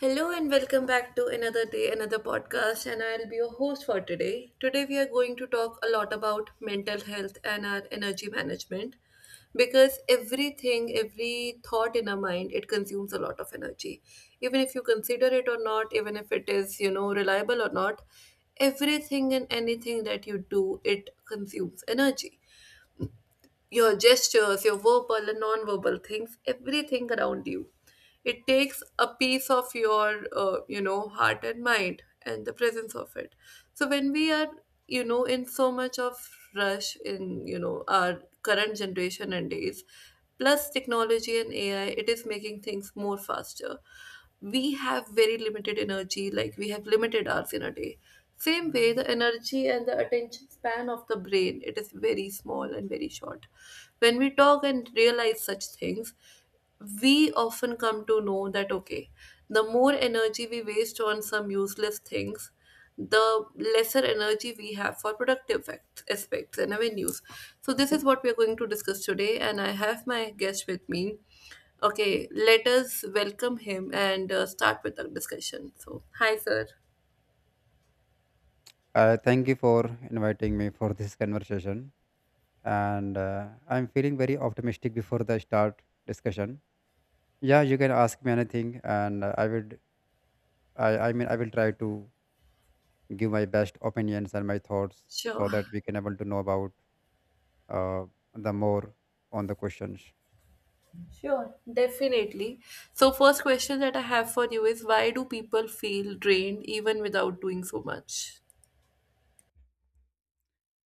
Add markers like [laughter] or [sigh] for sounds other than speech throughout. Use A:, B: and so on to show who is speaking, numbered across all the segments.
A: Hello and welcome back to another day, another podcast, and I'll be your host for today. Today, we are going to talk a lot about mental health and our energy management, because everything, every thought in our mind, it consumes a lot of energy. Even if you consider it or not, even if it is, reliable or not, everything and anything that you do, it consumes energy: your gestures, your verbal and non-verbal things, everything around you. It takes a piece of your heart and mind and the presence of it. So when we are, in so much of rush in, our current generation and days. Plus, technology and AI, it is making things more faster. We have very limited energy, like we have limited hours in a day. Same way, the energy and the attention span of the brain, it is very small and very short. When we talk and realize such things, we often come to know that, okay, the more energy we waste on some useless things, the lesser energy we have for productive aspects and avenues. So this is what we are going to discuss today, and I have my guest with me. Okay, let us welcome him and start with our discussion. So hi, sir.
B: Thank you for inviting me for this conversation. And I'm feeling very optimistic before the start discussion. Yeah, you can ask me anything, and I would. I will try to give my best opinions and my thoughts
A: Sure.
B: so that we can able to know about uh, the more on the questions.
A: Sure. Definitely. So first question that I have for you is, why do people feel drained even without doing so much?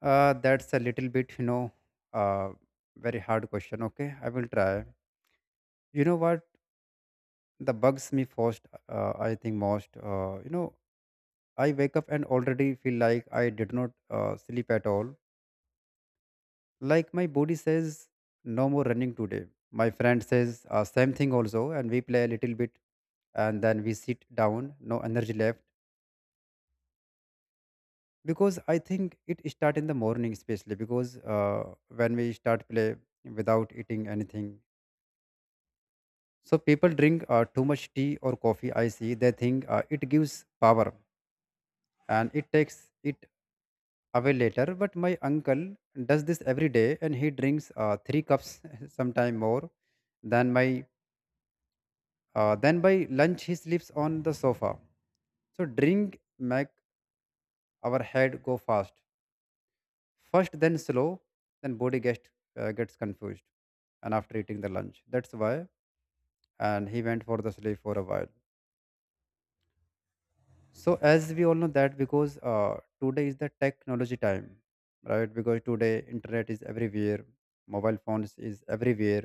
B: That's a little bit, uh, very hard question. Okay, I will try. You know what? The bugs me first. I think most. You know, I wake up and already feel like I did not sleep at all. Like my body says, no more running today. My friend says, same thing also, and we play a little bit and then we sit down, no energy left. Because I think it start in the morning, especially because when we start play without eating anything. So people drink too much tea or coffee. I see they think it gives power and it takes it away later. But my uncle does this every day, and he drinks three cups, [laughs] sometime more than my. Then by lunch, he sleeps on the sofa. So drink make our head go fast, first then slow, then body gets gets confused, and after eating the lunch, that's why. And he went for the sleep for a while. So as we all know that because today is the technology time, right? Because today internet is everywhere, mobile phones is everywhere.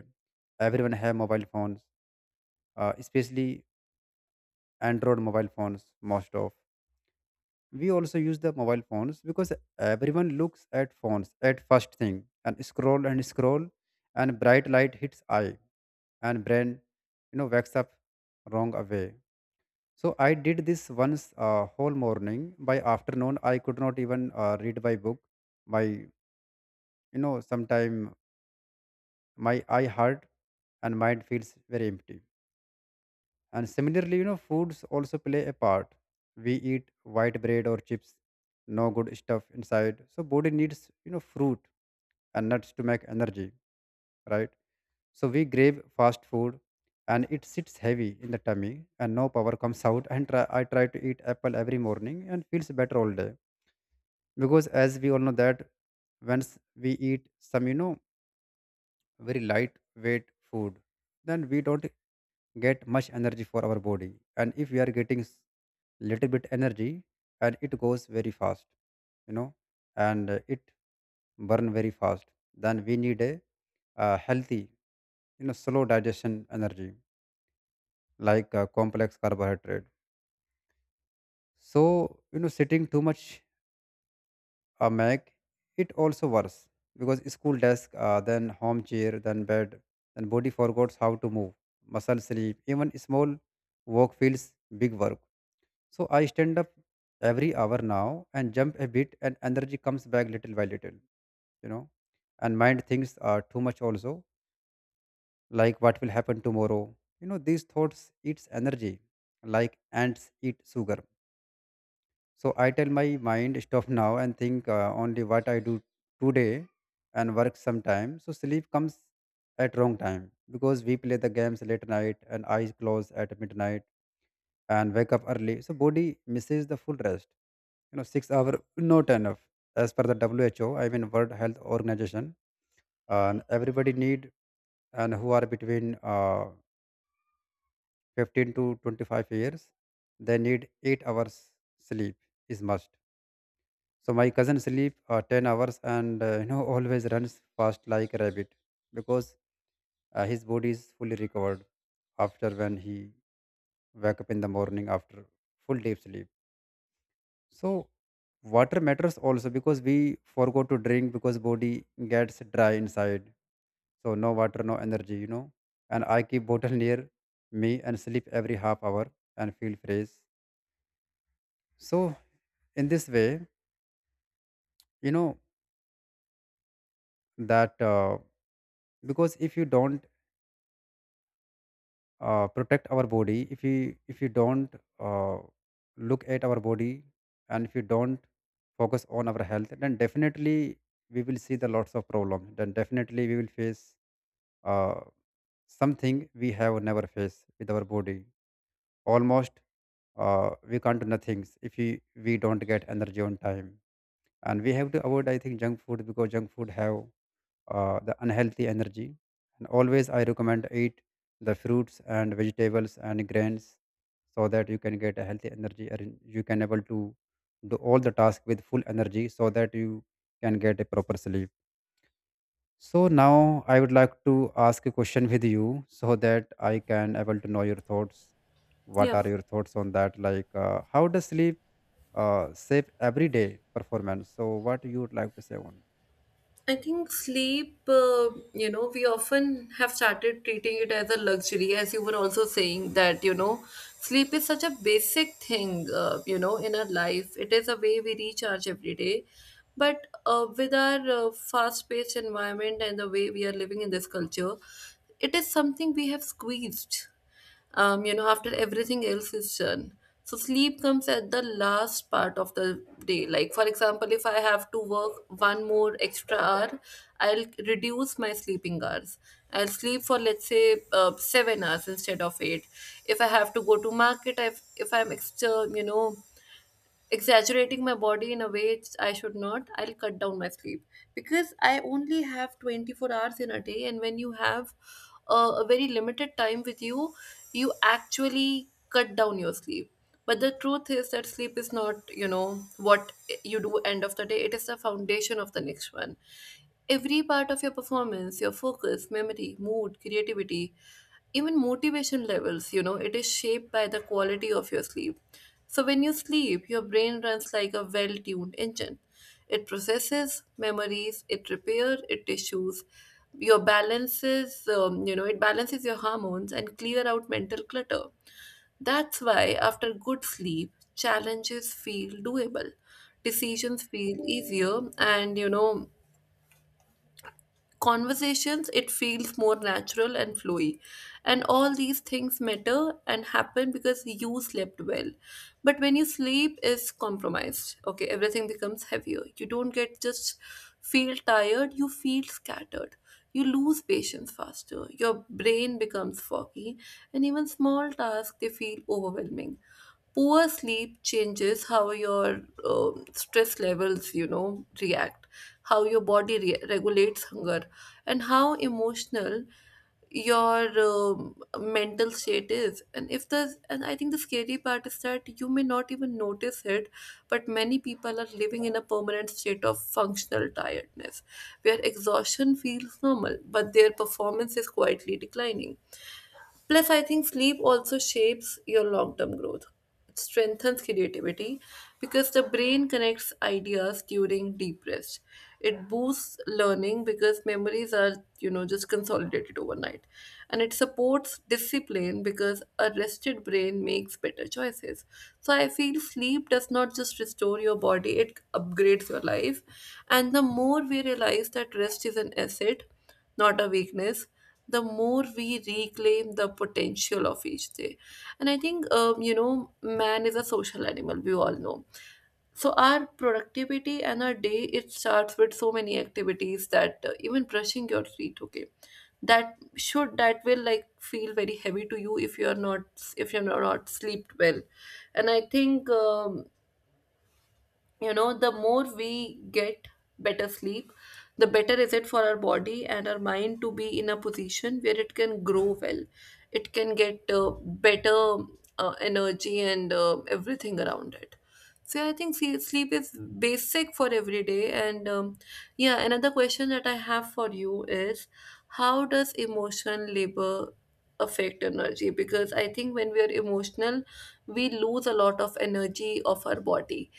B: Everyone have mobile phones, especially Android mobile phones. Most of we also use the mobile phones because everyone looks at phones at first thing and scroll and scroll, and bright light hits eye and brain, you know, wakes up wrong away. So I did this once whole morning. By afternoon, I could not even read my book. My, you know, sometime my eye hurt and mind feels very empty. And similarly, you know, foods also play a part. We eat white bread or chips, no good stuff inside. So body needs, you know, fruit and nuts to make energy, right? So we crave fast food and it sits heavy in the tummy and no power comes out and I try to eat apple every morning and feels better all day because as we all know that once we eat some, you know, very lightweight food, then we don't get much energy for our body, and if we are getting little bit energy and it goes very fast, you know, and it burn very fast, then we need a healthy, you know, slow digestion energy like complex carbohydrate. So, you know, sitting too much make it also worse because school desk, then home chair, then bed, then body forgets how to move, muscle sleep, even small walk feels big work. So I stand up every hour now and jump a bit, and energy comes back little by little. You know, and mind thinks too much also, like what will happen tomorrow. You know, these thoughts eats energy like ants eat sugar. So I tell my mind stop now and think only what I do today and work sometime. So sleep comes at wrong time because we play the games late night and eyes close at midnight and wake up early. So body misses the full rest. You know, 6 hours not enough as per the WHO. I mean World Health Organization, and everybody need, and who are between 15 to 25 years, they need 8 hours sleep is must. So my cousin sleep 10 hours and you know, [laughs] always runs fast like a rabbit because his body is fully recovered after when he wake up in the morning after full deep sleep. So water matters also because we forgot to drink because body gets dry inside. So no water, no energy, you know. And I keep bottle near me and sleep every half hour and feel fresh. So in this way, you know, that because if you don't protect our body, if we don't uh, look at our body, and if we don't focus on our health, then definitely we will see the lots of problem, then definitely we will face uh, something we have never faced with our body. Almost we can't do nothing if we don't get energy on time, and we have to avoid, I think, junk food because junk food have the unhealthy energy. And always I recommend eat the fruits and vegetables and grains so that you can get a healthy energy and you can able to do all the task with full energy so that you can get a proper sleep. So now I would like to ask a question with you so that I can able to know your thoughts. What
A: Yeah,
B: are your thoughts on that? Like how does sleep save everyday performance? So what you would like to say on?
A: I think sleep, we often have started treating it as a luxury, as you were also saying that, sleep is such a basic thing, in our life. It is a way we recharge every day. But with our fast paced environment and the way we are living in this culture, it is something we have squeezed after everything else is done. So sleep comes at the last part of the day. Like for example, if I have to work one more extra hour, I'll reduce my sleeping hours. I'll sleep for, let's say, 7 hours instead of eight. If I have to go to market, if I'm extra, exaggerating my body in a way I should not, I'll cut down my sleep, because I only have 24 hours in a day, and when you have a very limited time with you, you actually cut down your sleep. But the truth is that sleep is not what you do end of the day. It is the foundation of the next one. Every part of your performance, your focus, memory, mood, creativity, even motivation levels, it is shaped by the quality of your sleep. So when you sleep, your brain runs like a well tuned engine. It processes memories, it repairs it tissues, your balances, it balances your hormones and clear out mental clutter. That's why, after good sleep, challenges feel doable, decisions feel easier, and, conversations, it feels more natural and flowy, and all these things matter and happen because you slept well. But when you sleep is compromised, okay, everything becomes heavier. You don't get just feel tired, you feel scattered, you lose patience faster, your brain becomes foggy, and even small tasks, they feel overwhelming. Poor sleep changes how your stress levels, react, how your body regulates hunger, and how emotional your mental state is. And if the And I think the scary part is that you may not even notice it, but many people are living in a permanent state of functional tiredness, where exhaustion feels normal but their performance is quietly declining. Plus, I think sleep also shapes your long term growth. It strengthens creativity because the brain connects ideas during deep rest. It boosts learning because memories are, just consolidated overnight. And it supports discipline because a rested brain makes better choices. So I feel sleep does not just restore your body, it upgrades your life. And the more we realize that rest is an asset, not a weakness, the more we reclaim the potential of each day. And I think, man is a social animal, we all know. So our productivity and our day, it starts with so many activities, that even brushing your teeth, okay, that will like feel very heavy to you if you're not slept well. And I think, the more we get better sleep, the better is it for our body and our mind to be in a position where it can grow well. It can get better energy and everything around it. So I think, see, sleep is basic for every day. And yeah, another question that I have for you is, how does emotional labor affect energy? Because I think when we are emotional, we lose a lot of energy of our body,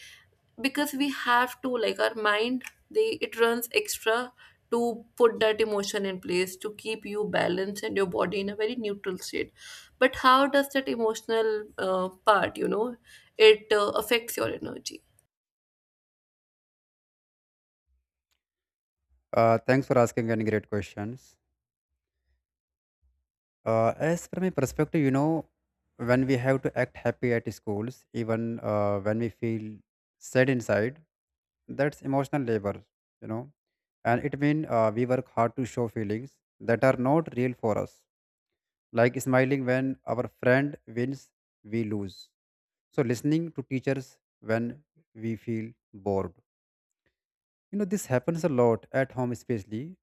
A: because we have to, like, our mind, they it runs extra to put that emotion in place to keep you balanced and your body in a very neutral state. But how does that emotional part, it affects your energy?
B: Thanks for asking any great questions. As from my perspective, you know, when we have to act happy at schools, even when we feel sad inside, that's emotional labor, you know, and it means we work hard to show feelings that are not real for us, like smiling when our friend wins, we lose. So listening to teachers when we feel bored. You know, this happens a lot at home, especially.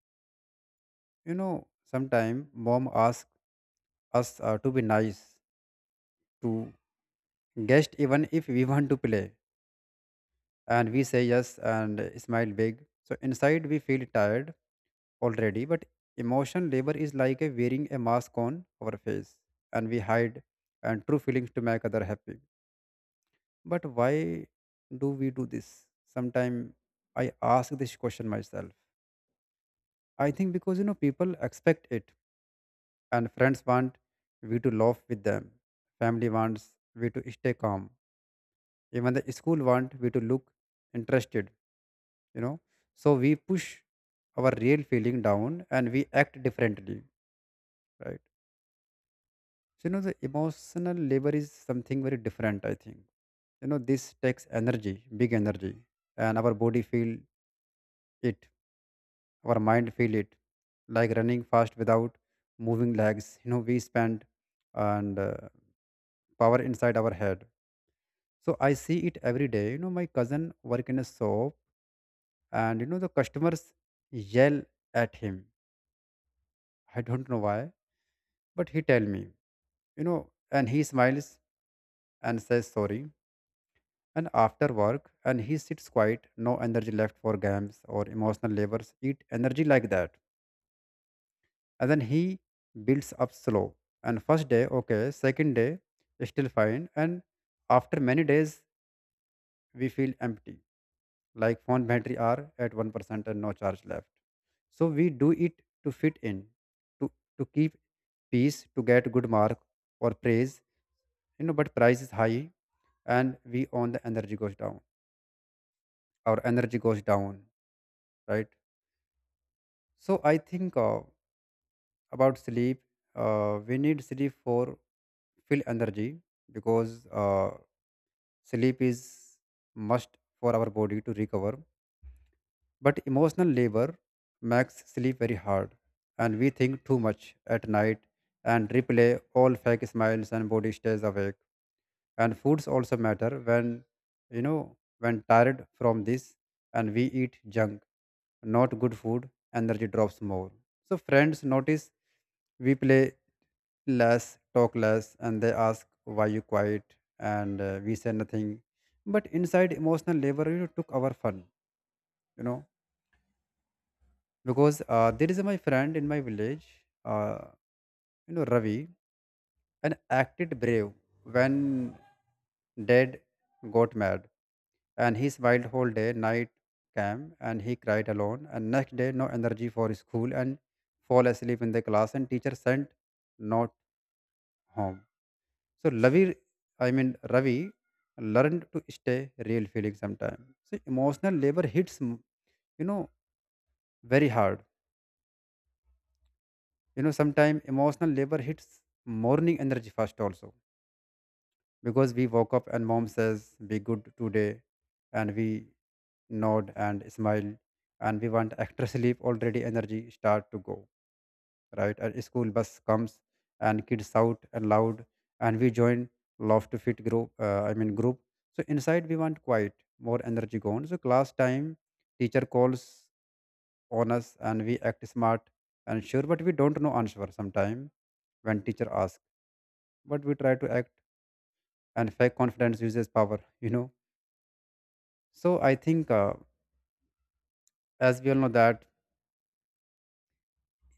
B: You know, sometimes mom asks us to be nice to Guest, even if we want to play, and we say yes and smile big so inside we feel tired already, but emotion labor is like a wearing a mask on our face, and we hide and true feelings to make other happy. But why do we do this sometime? I ask this question myself. I think because, you know, people expect it, and friends want we to laugh with them, family wants we to stay calm, even the school want we to look interested, you know. So we push our real feeling down and we act differently, right? So, you know, the emotional labor is something very different, I think. You know, this takes energy, big energy, and our body feel it, our mind feel it, like running fast without moving legs, you know, we spend and power inside our head. So I see it every day, you know, my cousin work in a shop, and, you know, the customers yell at him. I don't know why. But he tell me, you know, and he smiles and says sorry. And after work, and he sits quiet, no energy left for games or emotional labors, eat energy like that. And then he builds up slow. And first day, okay, second day, still fine. And after many days, we feel empty, like phone battery are at 1% and no charge left. So we do it to fit in, to, to keep peace, to get good mark or praise, you know, but price is high, and we own the energy goes down, our energy goes down, right? So I think, about sleep, we need sleep for full energy because uh, sleep is must for our body to recover, but emotional labor makes sleep very hard, and we think too much at night and replay all fake smiles and body stays awake. And foods also matter when, you know, when tired from this, and we eat junk, not good food, energy drops more. So friends notice we play less, talk less, and they ask why you quiet, and we say nothing, but inside emotional labor, you know, took our fun, you know, because there is my friend in my village, uh, you know, Ravi, and acted brave when dad got mad, and he smiled whole day night came, and he cried alone, and next day no energy for school, and fall asleep in the class, and teacher sent not home. So ravi I mean ravi learned to stay real feeling sometime. So emotional labor hits you know, very hard. You know, sometime emotional labor hits morning energy first also, because we woke up and mom says be good today, and we nod and smile, and we want extra sleep, already energy start to go, right? And school bus comes, and kids shout and loud, and we join love to fit group uh, i mean group. So inside we want quiet, more energy gone. So class time, teacher calls on us, and we act smart and sure, but we don't know answer sometime when teacher asks, but we try to act, and fake confidence uses power [laughs] you know. So I think, as we all know that,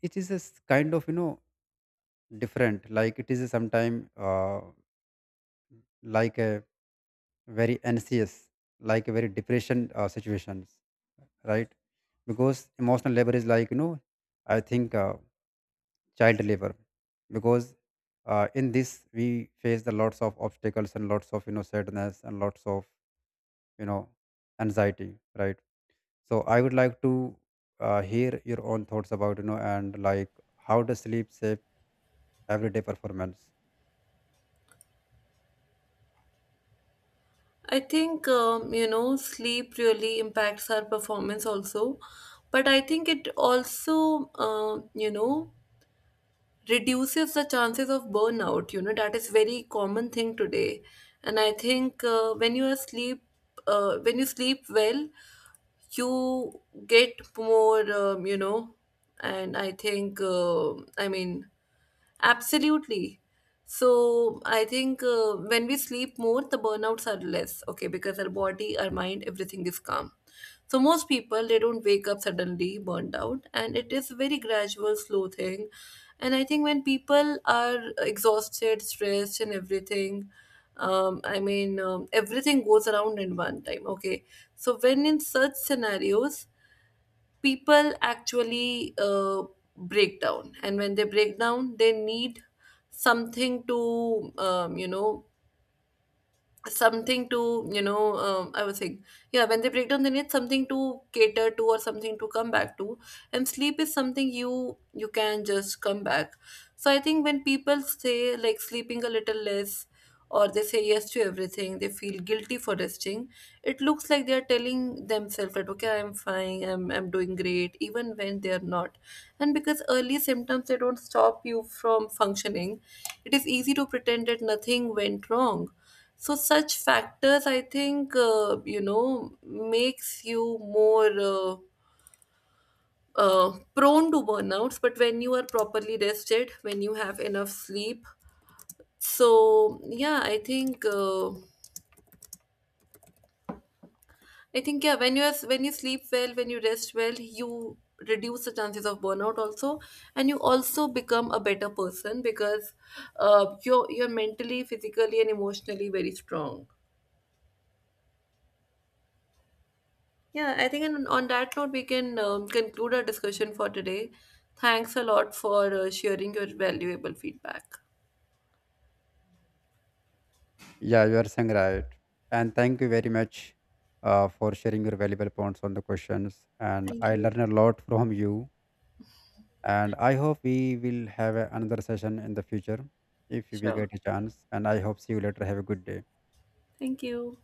B: it is a kind of, you know, different, like it is sometimes like a very anxious, like a very depression situations, right? Because emotional labor is like, you know, I think, child labor because in this we face the lots of obstacles and lots of, you know, sadness and lots of, you know, anxiety, right? So I would like to hear your own thoughts about, you know, and like how does sleep shape everyday performance?
A: I think, sleep really impacts our performance also. But I think it also, reduces the chances of burnout, that is very common thing today. And I think, when you sleep well, you get more, and I think, I mean, absolutely. So I think, when we sleep more, the burnouts are less, okay, because our body, our mind, everything is calm. So most people, they don't wake up suddenly burned out, and it is a very gradual, slow thing. And I think when people are exhausted, stressed, and everything, I mean, everything goes around in one time. Okay, so when in such scenarios, people actually break down. And when they break down, they need something to, something to I was saying, yeah, when they break down they need something to cater to or something to come back to. And sleep is something you can just come back. So I think when people say like sleeping a little less, or they say yes to everything, they feel guilty for resting, it looks like they are telling themselves that, okay, I'm fine, I'm doing great even when they are not. And because early symptoms, they don't stop you from functioning, it is easy to pretend that nothing went wrong. So such factors, I think, makes you more prone to burnouts. But when you are properly rested, when you have enough sleep, so yeah, I think, I think, yeah, when you sleep well, when you rest well, you reduce the chances of burnout also. And you also become a better person because you're mentally, physically, and emotionally very strong. Yeah, I think on that note we can, conclude our discussion for today. Thanks a lot for sharing your valuable feedback.
B: Yeah, you are saying right, and thank you very much for sharing your valuable points on the questions. And
A: Thank
B: I
A: you.
B: learn a lot from you, and I hope we will have another session in the future if we
A: Sure.
B: get a chance. And I hope see you later. Have a good day.
A: Thank you.